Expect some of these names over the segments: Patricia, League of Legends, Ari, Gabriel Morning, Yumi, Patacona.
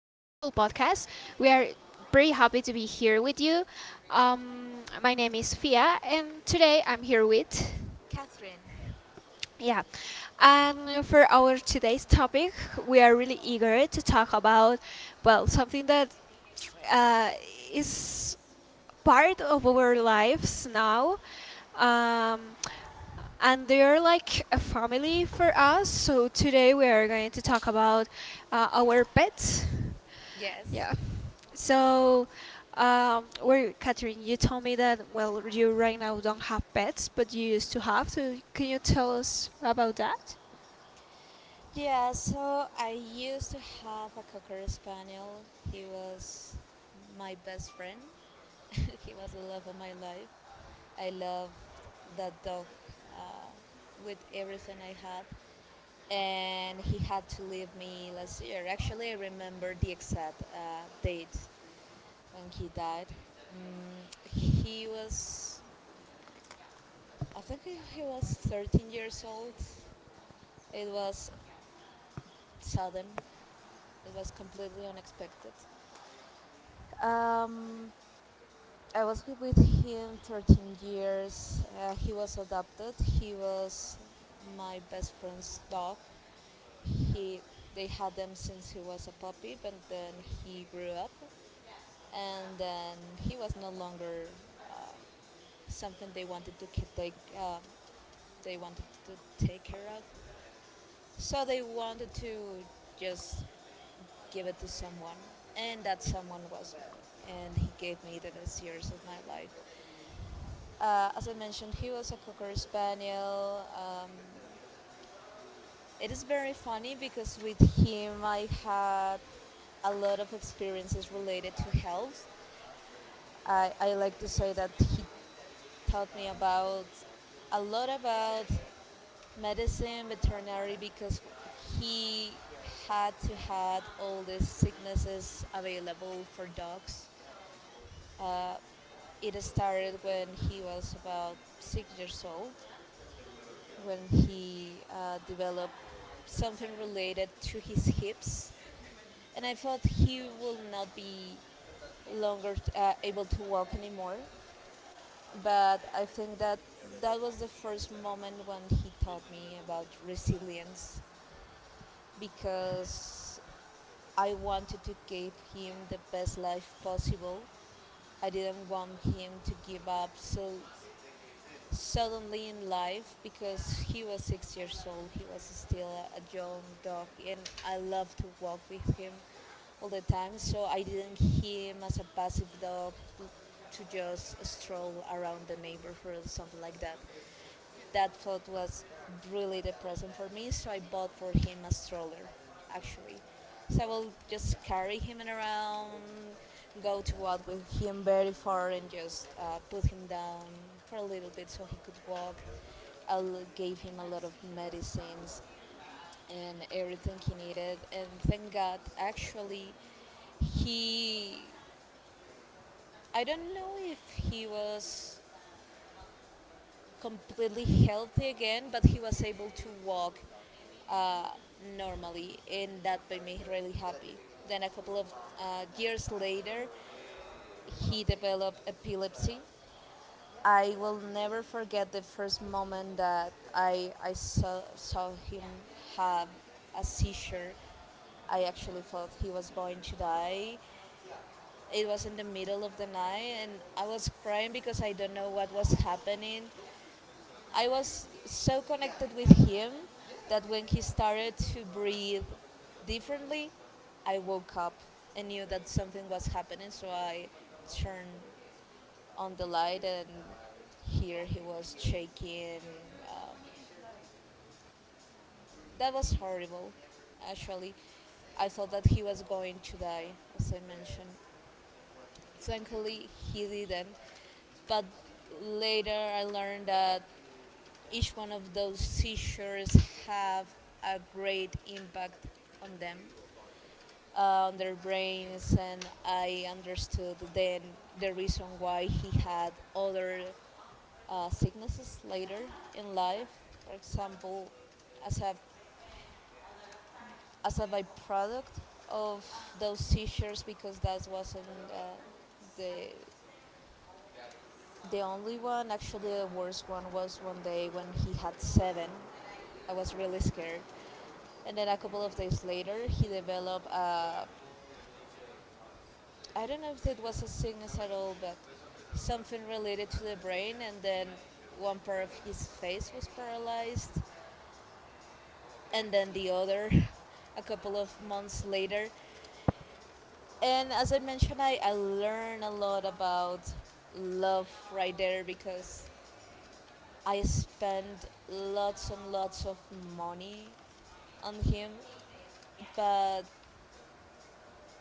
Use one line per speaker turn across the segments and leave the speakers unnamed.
podcast. We are very happy to be here with you. My name is Fia, and today I'm here with. Yeah, and for our today's topic, we are really eager to talk about, well, something that uh, is part of our lives now, um, and they're like a family for us. So today we are going to talk about our pets.
Yes.
Yeah. So, where Catherine, you told me that well, you right now don't have pets, but you used to have. So, can you tell us about that?
Yeah, so I used to have a cocker spaniel. He was my best friend. He was the love of my life. I loved that dog uh, with everything I had. And he had to leave me last year. Actually, I remember the exact date when he died. He was, I think he was 13 years old. It was sudden, it was completely unexpected. Um, I was with him 13 years. He was adopted. He was my best friend's dog. He, they had them since he was a puppy, but then he grew up, and then he was no longer um something they wanted to take. They wanted to take care of, so they wanted to just give it to someone, and that someone was me. And he gave me the best years of my life. As I mentioned, he was a cocker spaniel. It is very funny because with him I had a lot of experiences related to health. I like to say that he taught me about a lot about medicine, veterinary, because he had to had all these sicknesses available for dogs. Uh, it started when he was about 6 years old when he developed something related to his hips, and I thought he will not be longer able to walk anymore. But I think that that was the first moment when he taught me about resilience because I wanted to give him the best life possible. I didn't want him to give up, so suddenly in life because he was 6 years old. He was still a young dog, and I loved to walk with him all the time. So I didn't see him as a passive dog l- to just stroll around the neighborhood, something like that. That thought was really depressing for me, so I bought for him a stroller, actually. So I will just carry him around, go to walk with him very far, and just put him down for a little bit so he could walk. I gave him a lot of medicines and everything he needed, and thank God, actually, he. I don't know if he was completely healthy again, but he was able to walk uh, normally, and that made me really happy. Then a couple of years later, he developed epilepsy.
I
I
will
will
never
never
forget
forget the
the
first
first
moment
moment
that
that I,
I,
I
I
saw
saw,
the
saw him
song.
have a seizure. I actually felt he was going to die. It was in the middle of the night, and I was crying because I don't know what was happening. I was so connected with him that when he started to breathe differently, I woke up and knew that something was happening. So I turned on the light, and here he was shaking. Um, that was horrible, actually. I thought that he was going to die, as I mentioned. Thankfully, he didn't. But later,
Later, I
I
learned
learned
that
that
each
each
one
one
of
of those
those
seizures
seizures have
have
a
a
great
great impact on them
impact on
on
their
their
brains,
brains,
and
and
I
I
understood
understood then
the
the
reason
reason
why
why
we
he
had
had
other
other
sicknesses
sicknesses
later
later
in
in
life,
life, for example, as a byproduct of those seizures because that wasn't uh, the the only one. Actually, the worst one was one day when he had 7. I was really scared, and then a couple of days later he developed a, I don't know if it was a sickness at all, but something related to the brain, and then one part of his face was paralyzed,
and
and
then
then
the
the
other
other a
couple
couple
was
of
months
months
later.
later.
And
And
as
as I
I
mentioned,
mentioned,
I
I learned
learned a
a lot
lot
about
about
love
love
right
right
there
there
because
because
I
I
spend
spent lots and lots
lots of
of
mornings
money on him,
here, I
but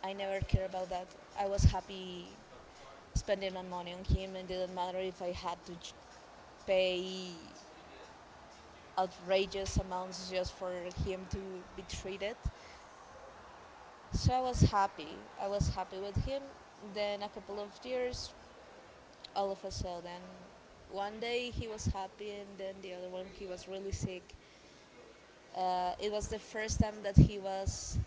I never cared about
was
that. I
happy
was happy
spending
spending
a
my money
morning
on
here.
him, and it
Maybe the
didn't matter if I
Madrid had
had
to
to
pay
pay
outrageous
outrageous
amounts
amounts just
just for
for
being
him to
to
be
be treated.
treated. So
So
I
I was
was
happy.
happy.
I
I
was
was happy
happy.
with him.
Then
Then a couple
a
of
years,
years,
of
all of a sudden,
a one
one
day.
day he was happy and then the other one he was really sick. It
It was
was the
the first
first
time
time
that
that
he
he
was
was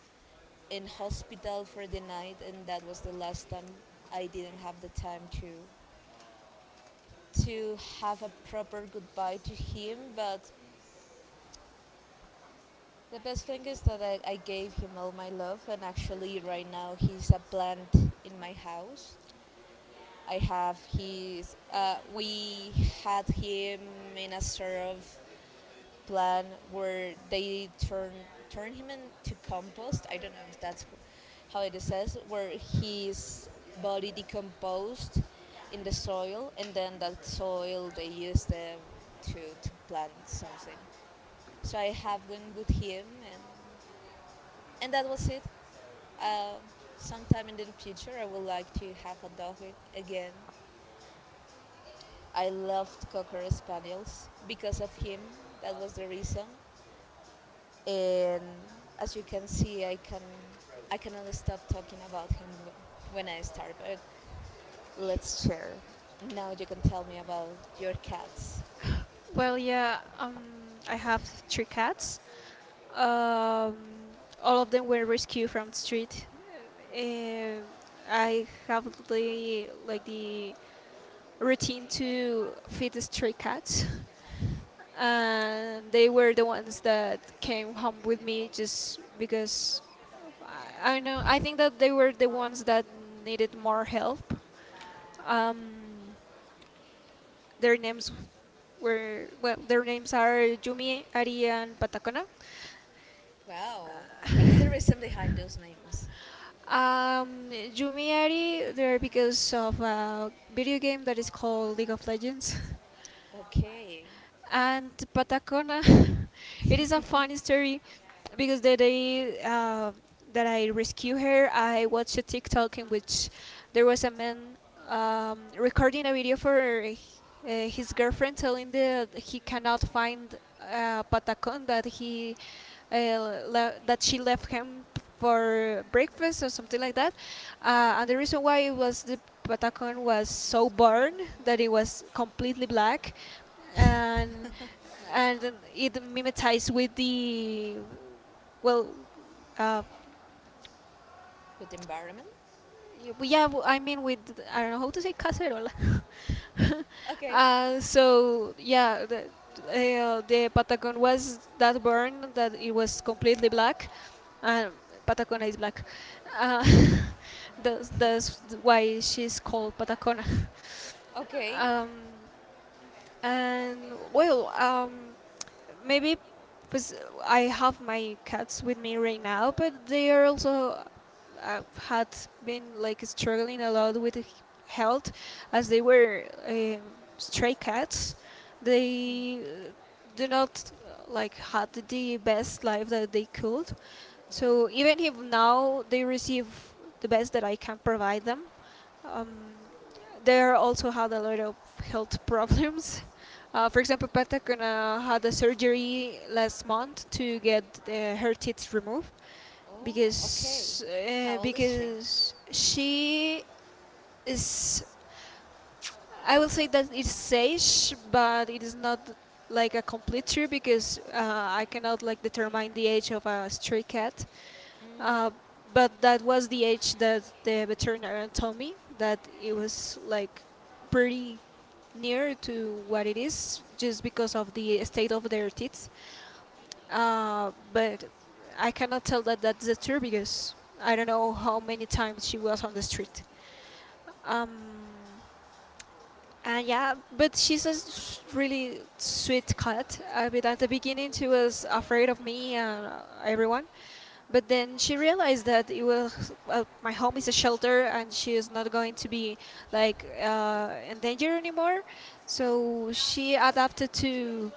in
in
the hospital
hospital
for
for
the
the
night,
night,
and
and
that
that
was
was the
the last
last
time.
time. I didn't have the time to have a proper goodbye to him, but the best thing is that I gave him all my love, and actually, right now, he's a plant in my house. I have his, we had him in a sort of plan where they turn him into compost. I don't know if that's how it is says, where his body decomposed in the soil, and then that soil they used them to plant something. So I have one with him, and that was it. Um, Sometime in the future, I would like to have a dog again. I loved Cocker Spaniels because of him. That was the reason. And as you can see, I cannot stop talking about him when I start. But let's share. Now you can tell me about your cats.
Well, yeah, I have three cats. Um, all of them were rescued from the street. Uh, I have the routine to feed the stray cats, and they were the ones that came home with me just because I know I think that they were the ones that needed more help. Um, Their names were well, their names are Yumi, Ari, and Patacona.
Wow, what is the reason behind those names?
Um, Yumi Ari, they're because of a video game that is called League of Legends.
Okay,
And Patacona. It is a funny story because the day that I rescue her, I watched a TikTok in which there was a man recording a video for his girlfriend, telling that he cannot find Patacon that he that she left him for breakfast or something like that. And the reason why it was the Patacon was so burned that it was completely black and and it mimetizes with the well uh
good environment.
yeah I mean with I don't know how to say cacerola.
Okay,
So yeah the Patagon was that burn that it was completely black. Uh, Patacona is black. Uh, that's why she's called Patacona.
okay.
Um, and well, maybe because I have my cats with me right now, but they are also uh, had been like struggling a lot with health as they were stray cats.
Hmm.
They do not like had the best life that they could.
Yeah.
So even if now they receive the best that I can provide them, um, they are also had a lot of health problems. For example, Pentacona had a surgery last month to get her tits removed
Oh, okay. How old is she?
because she is. I will say that it's sage, but it is not like a complete true because I cannot like determine the age of a stray cat.
Mhm.
Uh, but that was the age that the veterinarian told me that it was like pretty near to what it is just because of the state of their teeth. But I cannot tell that that's the true because I don't know how many times she was on the street. Um, and yeah, but she's a really sweet cat. But at the beginning, she was afraid of me and everyone. But then she realized that it was my home is a shelter, and she is not going to be like in danger anymore. So she adapted to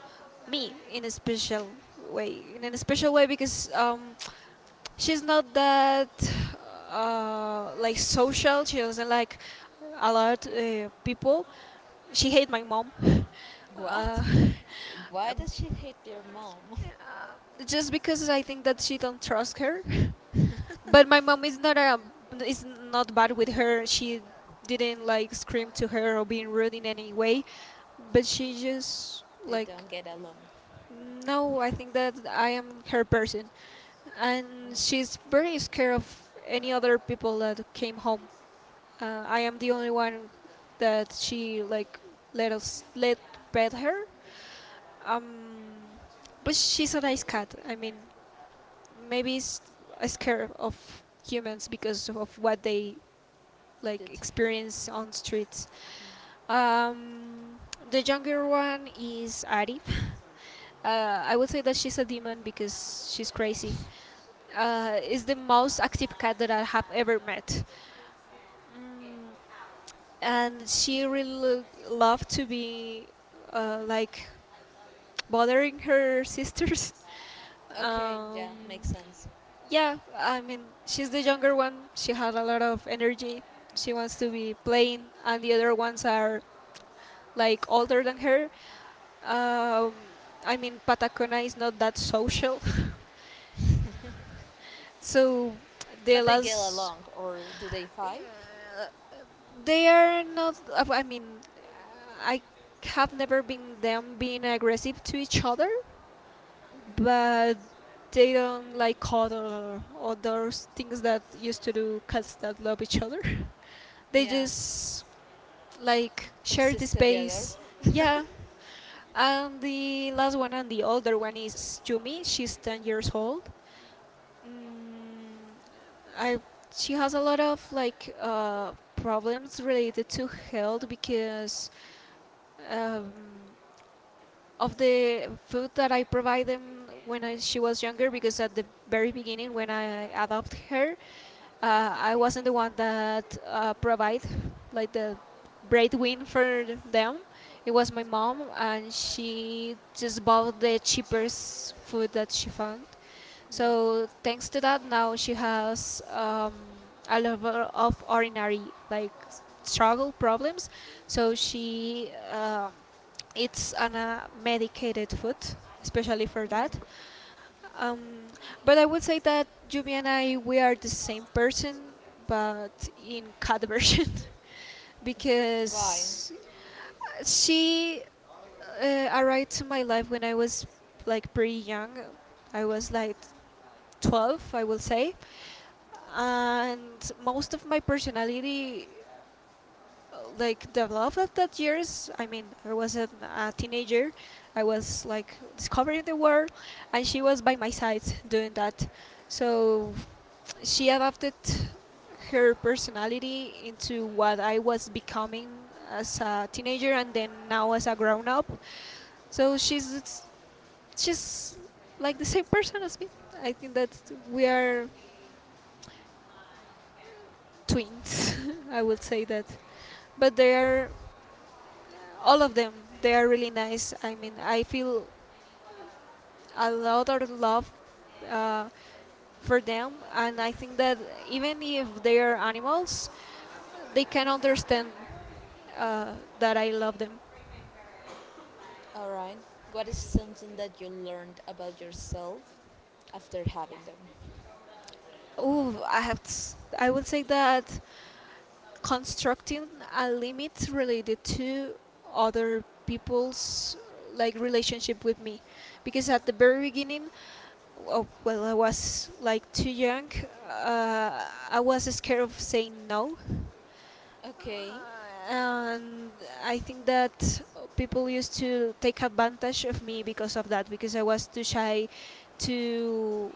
me in a special way in a special way because she's not that like social. She doesn't like a lot people. She hate my mom.
What?
Uh,
Why does she hate their mom?
just because I think that she don't trust her. But my mom is not a is not bad with her. She didn't like scream to her or being rude in any way. But she just
They
like
don't get along.
no, I think that I am her person, and
Mm.
she's very scared of any other people that came home. I am the only one that she like let us let pet her. Um, but she's a nice cat. I mean, maybe it's scared of humans because of what they
Due
like
to her.
experience on streets.
Mm.
Um, the younger one is Ari. I would say that she's a demon because she's crazy. Is the most active cat that I have ever met. Mm, and she really loved to be like bothering her sisters.
Okay,
Um,
yeah, makes sense.
yeah, I mean, she's the younger one. She had a lot of energy. She wants to be playing, and the other ones are like older than her. Um, I mean, Patacona is not that social, so the
But they get
last
along, or do they fight?
they are not. I mean, I have never been them being aggressive to each other, but they don't like other things that used to do cats that love each other. They
Yeah,
just like share the
exist together.
space. Yeah. And the last one and the older one is Yumi. She's 10 years old. Mm, I she has a lot of like problems related to health because um, of the food that I provide them she was younger because at the very beginning when I adopted her, I wasn't the one that provide like the breadwin for them. It was my mom, and she just bought the cheapest food that she found. So thanks to that, now she has a level of ordinary like struggle problems. So she. It's an a medicated food, especially for that. Um, but I would say that Yumi and I we are the same person, but in cat version,
Why?
because she arrived to my life when I was like pretty young. I was like 12, I will say, and most of my personality like the love of that years. I mean a teenager, I was like discovering the world and she was by my side doing that, so she adapted her personality into what I was becoming as a teenager and then now as a grown up. So she's like the same person as me. I think that we are twins. I would say that, but they are all of them, they are really nice. I mean, I feel a lot of love uh, for them and I think that even if they are animals they can understand uh, that I love them.
Alright. What is something that you learned about yourself after having them?
Ooh, I have I would say that constructing a limit related to other people's like relationship with me because at the very beginning oh, well I was like too young, I was scared of saying no.
Okay.
And I think that people used to take advantage of me because of that because I was too shy to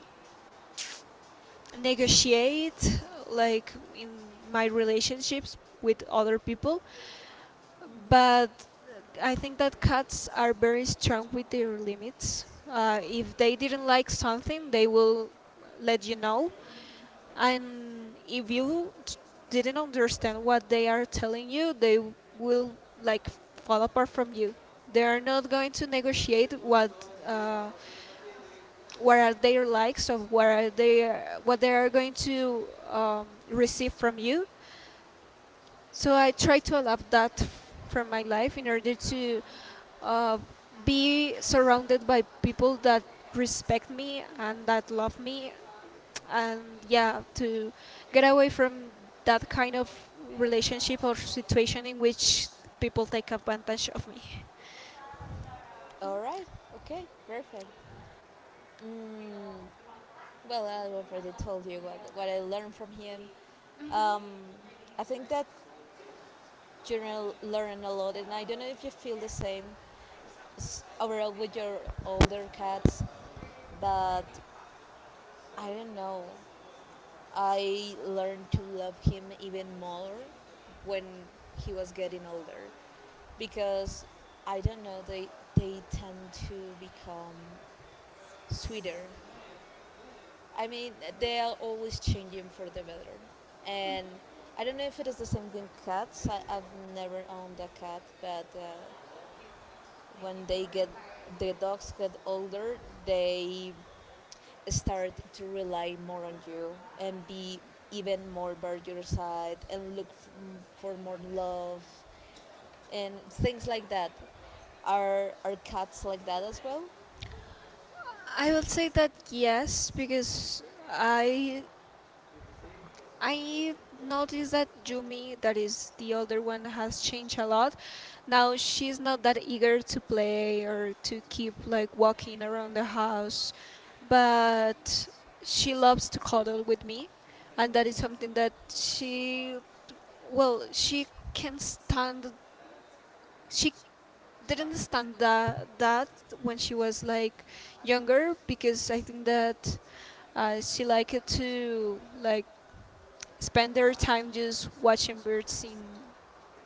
negotiate like in my relationships with other people. But I think that cats are very strong with their limits. If they didn't like something they will let you know, and if you didn't understand what they are telling you they will like fall apart from you. They are not going to negotiate uh, what are their likes or what are they what they are going to receive from you. So I try to allow that from my life in order to uh, be surrounded by people that respect me and that love me, and yeah, to get away from that kind of relationship or situation in which people take advantage of me.
Alright, okay, perfect. Mm, well, I already told you what I learned from him. Um, I think that children learn a lot, and I don't know if you feel the same overall with your older cats, but I don't know. I learned to love him even more when he was getting older because I don't know, they tend to become sweeter. I mean, they are always changing for the better, and I don't know if it is the same with cats. I've never owned a cat, but. When they get, the dogs get older, they start to rely more on you and be even more by your side and look for more love and things like that. Are cats like that as well?
I will say that yes because i I noticed that Jumi, that is the older one, has changed a lot. Now she's not that eager to play or to keep like walking around the house, but she loves to cuddle with me, and that is something that she, well, she can stand. She didn't stand that when she was like younger because I think that she liked to like spend their time just watching birds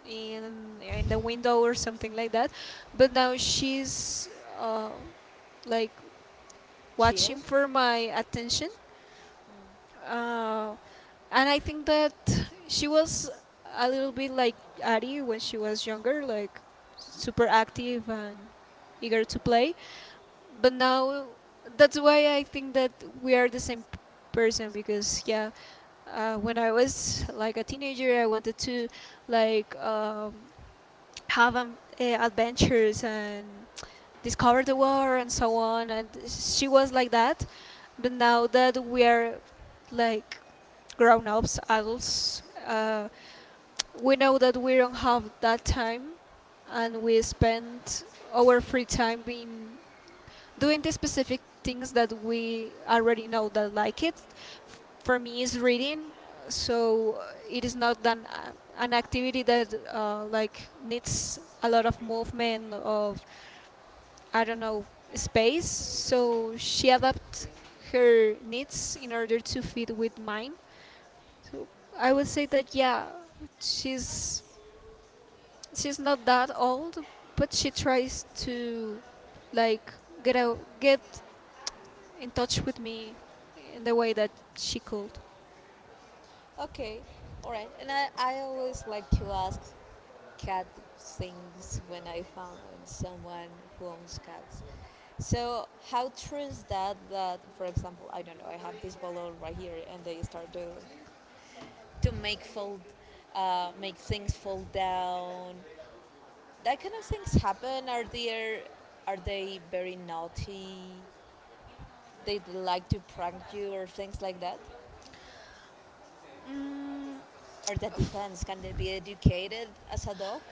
in the window or something like that. But now she's uh, like
Chill.
watching for my attention, uh, and I think that she was a little bit like Ari when she was younger, like super active and eager to play. But now that's why I think that we are the same person because yeah, when I was like a teenager, I wanted to like have adventures and discover the world and so on. And she was like that. But now that we are like grown ups, adults, we know that we don't have that time, and we spend our free time being doing the specific things that we already know that like it for me is reading so it is not an activity that like needs a lot of movement of I don't know space, so she adapts her needs in order to fit with mine. So I would say that yeah, she's she's not that old, but she tries to like get out get in touch with me in the way that she could.
Okay, all right and I always like to ask cat things when I find someone who owns cats. So how true is that that, for example, I don't know, I have this bottle right here and they start to make fold, make things fall down, that kind of things happen, are there, are they very naughty, they like to prank you or things like that,
Mm,
or that depends, can they be educated as a dog?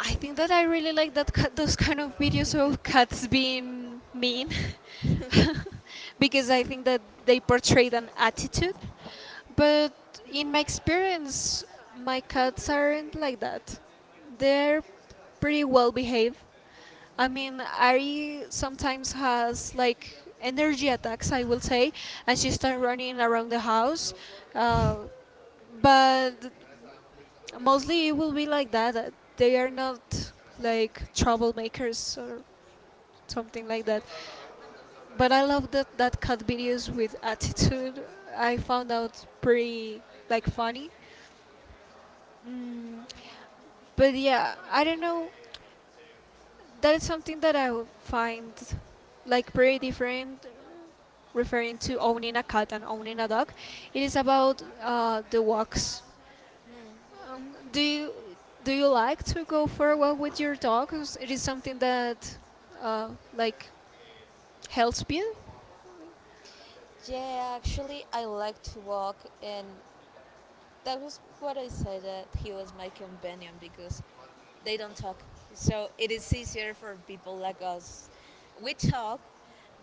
I think that I really like that cat, those kind of videos of cats being mean because I think that they portray an attitude. But in my experience, my cats aren't like that. They're pretty well behaved. I mean, Ari sometimes has like energy attacks, I will say, and she starts running around the house. Uh, but mostly it will be like that. They are not like troublemakers or something like that. But I love that that cut videos with attitude. I found out pretty like funny. Mm, but yeah, I don't know. That is something that I would find like pretty different, referring to owning a cat and owning a dog. It is about the walks.
Hmm.
Do you do you like to go for a walk with your dog? Is- It is something that like helps you.
Yeah, actually I like to walk, and that was what I said, that he was my companion because they don't talk. So it is easier for people like us. We talk,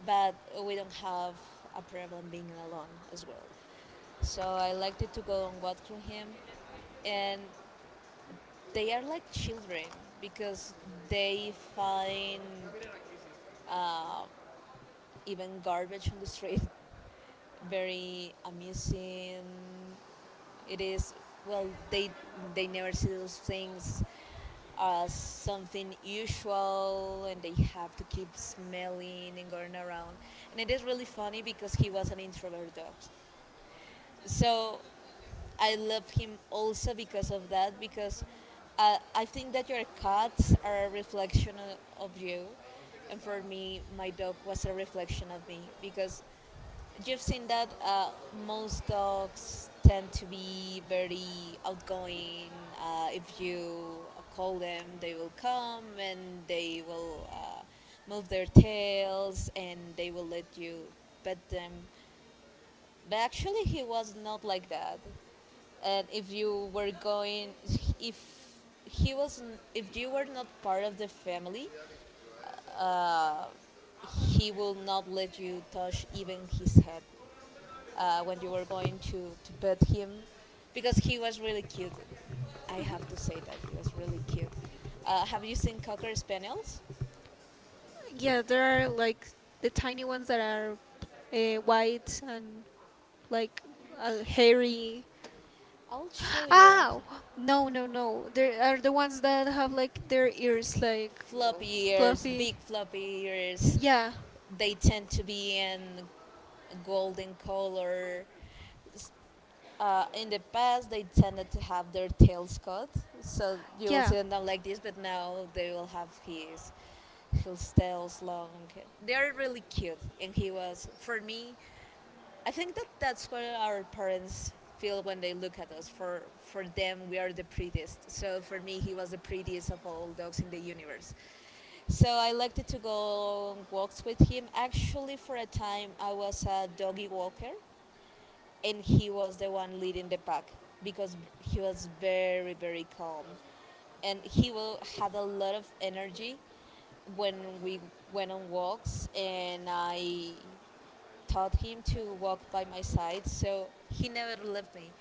but we don't have a problem being alone as well. So I liked it to go on walk through him, and they are like children because they find uh, even garbage on the street very amusing. It is, well, they never see those things as something usual and they have to keep smelling and going around. And it is really funny because he was an introvert dog. So I love him also because of that, because I think that your cats are a reflection of you. And for me, my dog was a reflection of me because you've seen that most dogs tend to be very outgoing. If you call them, they will come and they will move their tails and they will let you pet them. But actually, he was not like that. And if you were going, if he wasn't, if you were not part of the family, uh, he will not let you touch even his head when you were going to pet him because he was really cute. I have to say that he was really cute. Have you seen Cocker Spaniels?
Yeah, there are like the tiny ones that are white and like hairy.
I'll show you.
Ah,
Actually.
no, no, no. There are the ones that have like their ears like
Floppy ears, big
fluffy.
floppy ears.
Yeah,
They tend to be in golden color. S- In the past, they tended to have their tails cut, so you will
yeah.
see them down like this. But now they will have his tails long. They're really cute, and he was for me. I think that that's what our parents feel when they look at us. For them, we are the prettiest. So for me, he was the prettiest of all dogs in the universe. So I liked to go on walks with him. Actually, for a time, I was a doggy walker and he was the one leading the pack because he was very calm and he will, had a lot of energy when we went on walks and I taught him to walk by my side, so he never left me.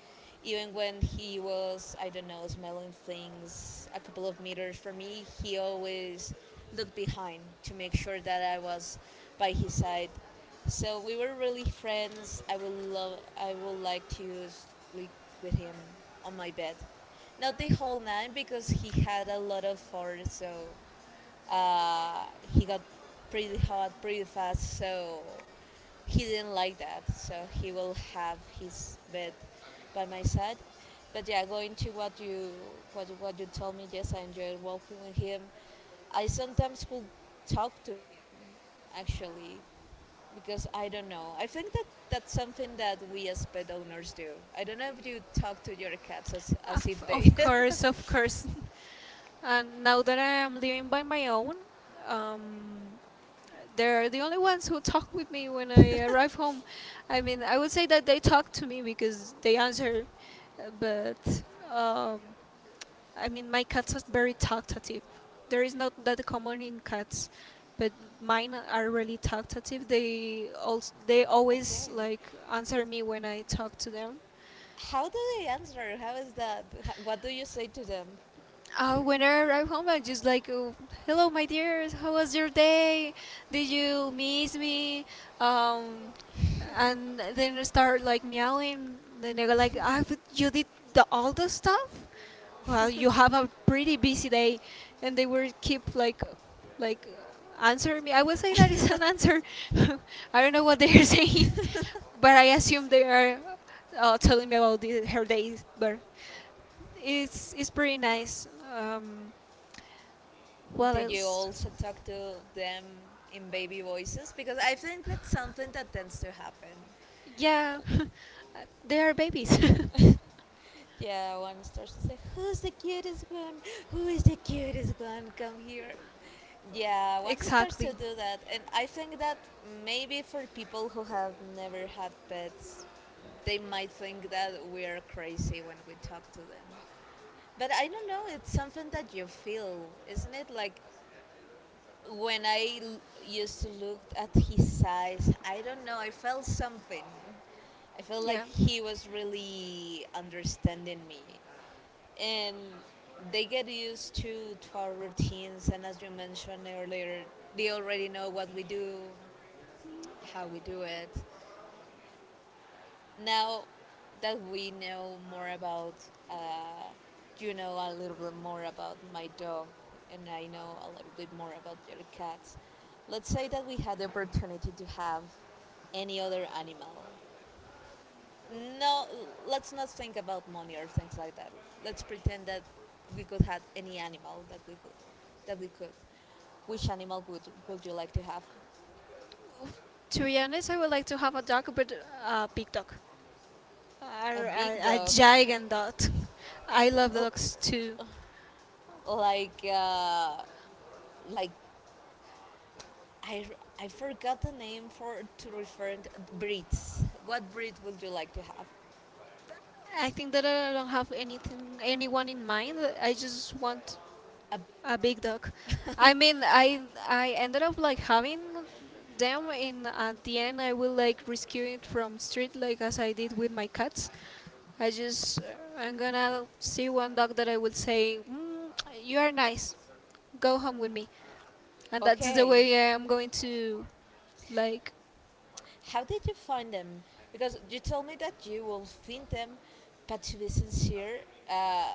Even when he was, I don't know, smelling things a couple of meters from me, he always looked behind to make sure that I was by his side. So we were really friends. I would love, I would like to sleep with him on my bed, not the whole night because he had a lot of fur, so he got pretty hot pretty fast, so he didn't like that. So he will have his bed by my side. But yeah, going to what you told me, yes, I enjoyed walking with him. I sometimes could talk to him, actually, because I don't know. I think that that's something that we as pet owners do. I don't know if you talk to your cats as
Of,
if they.
of course, of course. And now that I am living by my own, um, they're the only ones who talk with me when I arrive home. I mean, I would say that they talk to me because they answer, but um, I mean, my cats are very talkative. There is not that common in cats, but mine are really talkative. They always
Okay.
like answer me when I talk to them.
How do they answer? How is that? What do you say to them?
When I arrive home, I'm just like, oh, "Hello, my dears. How was your day? Did you miss me?" Um, and then I start like meowing. Then they go like, "Ah, but you did all the stuff? Well, you have a pretty busy day." And they will keep like, answer me. I would say that is an answer. I don't know what they are saying, but I assume they are telling me about her days. But it's pretty nice. Um, well,
Do you
it's
also talk to them in baby voices? Because I think that's something that tends to happen.
Yeah, they are babies.
Yeah, one starts to say, who's the cutest one? Who is the cutest one? Come here. Yeah, once it starts to
Exactly.
do that, and I think that maybe for people who have never had pets, they might think that we are crazy when we talk to them. But I don't know, it's something that you feel, isn't it? Like when I used to look at his eyes, I don't know, I felt something. I felt like
Yeah.
he was really understanding me. And they get used to our routines, and as you mentioned earlier, they already know what we do, how we do it. Now that we know more about, uh, you know a little bit more about my dog, and I know a little bit more about your cats, let's say that we had the opportunity to have any other animal. No, let's not think about money or things like that. Let's pretend that we could have any animal that we could, that we could. Which animal would you like to have?
To be honest, I would like to have a dog, but a big dog.
A
Are
big
a
dog,
giant dot. I love
l-
dogs too.
like uh, like I forgot the name for to refer to breeds. What breed would you like to have?
I think that I don't have anything, anyone in mind. I just want
A big
a
dog.
big dog. I mean, I ended up like having them in at the end. I will like rescue it from street, like as I did with my cats. I just I'm gonna see one dog that I will say, mm, you are nice. Go home with me, and that's the
Okay.
way I am going to like.
How did you find them? Because you told me that you will find them, but to be sincere, uh,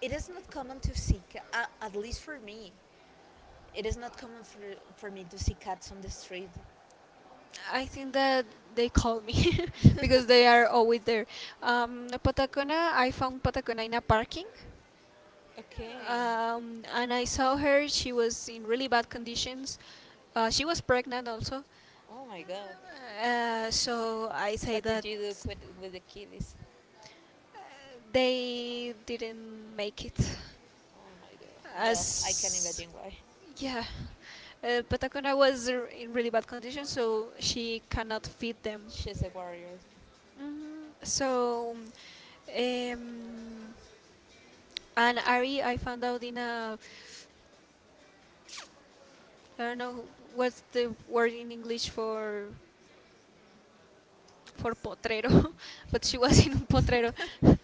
it is not common to see, at least for me, it is not common for me to see cats on the street.
I think that they call me because they are always there. Patacona, I found Patacona in a parking,
Okay.
and I saw her. She was in really bad conditions. She was pregnant also,
Oh my god.
so I say
What
that
did you do with the kitties?
uh, they didn't make it.
Oh my god. Well, I can
As
imagine why.
yeah, Patacona was r- in really bad condition, so she cannot feed them.
She's a warrior.
Mhm. So. Um, And Ari, I found out in a I don't know what's the word in English for potrero, but she was in a potrero.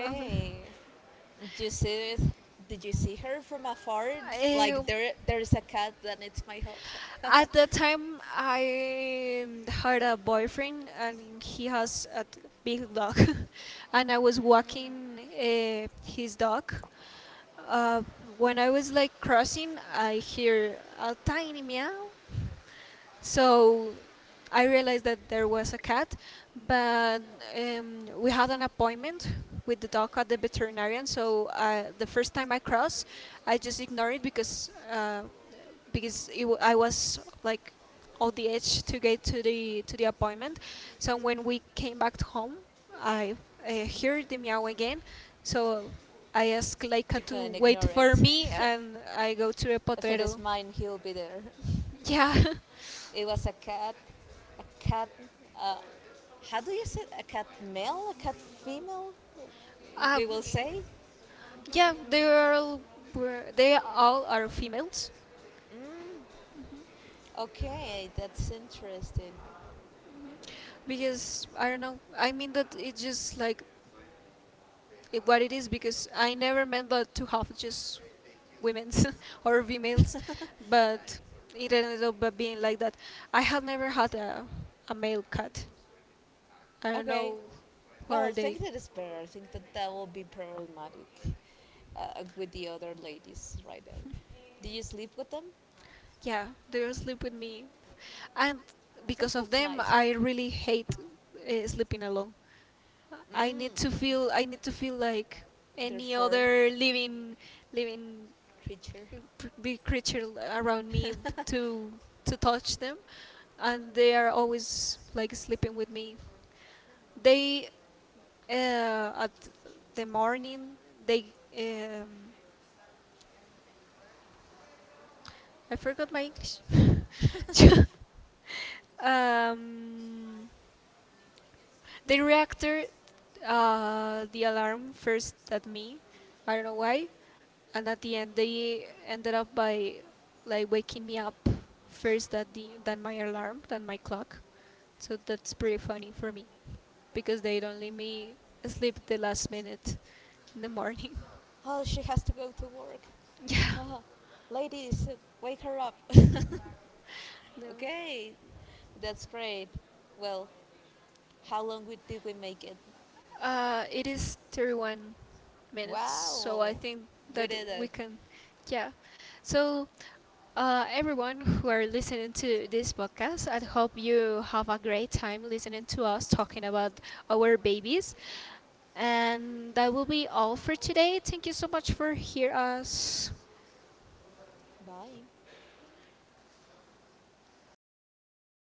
Uh,
Do you see it? Did you see her from afar?
Eh,
Like there is a cat that needs my help.
at that time, I had a boyfriend, and he has a t- big dog, and I was
Mm,
walking his dog. Uh, when I was like crossing, I hear a tiny meow. So I realized that there was a cat, but we had an appointment with the dog at the veterinarian. So the first time I crossed, I just ignored it because it w- I was like on the edge to get to the appointment. So when we came back to home, I heard the meow again. So I asked
you
Leica
can
to
ignore
wait for
it.
me, and I go to the
If it is
potrero.
mine, he'll be there.
Yeah.
It was a cat, a cat. Uh, how do you say it? A cat male, a cat female?
Um,
We will say.
Yeah, they are all were- they all are females
Mm, okay, that's interesting.
because I don't know. I mean that it's just like it- what it is because I never meant that to have just women's or females, but it ended up by being like that. I had never had a male cat. I don't
Okay,
know who are
well, I think
they.
that is better. I think that that will be problematic with the other ladies right there. Do you sleep with them?
Yeah, they sleep with me, and
I think
because of
that's
them,
nice.
I really hate sleeping alone.
Mm,
I need to feel like any
therefore,
other living living
creature.
p- big creature around me to to touch them, and they are always like sleeping with me. They at the morning they um, I forgot my English. um, the reactor the alarm first at me, I don't know why, and at the end they ended up by like waking me up first than the than my alarm than my clock. So that's pretty funny for me because they don't let me sleep the last minute in the morning.
Oh, she has to go to work.
Yeah.
Oh, ladies, wake her up.
Yeah.
Okay, that's great. Well, how long we, did we make it?
It is 31 minutes, so I
Wow,
think
we
that okay,
did it.
we can, yeah. So, everyone who are listening to this podcast, I hope you have a great time listening to us talking about our babies. And that will be all for today. Thank you so much for hear us.
Bye.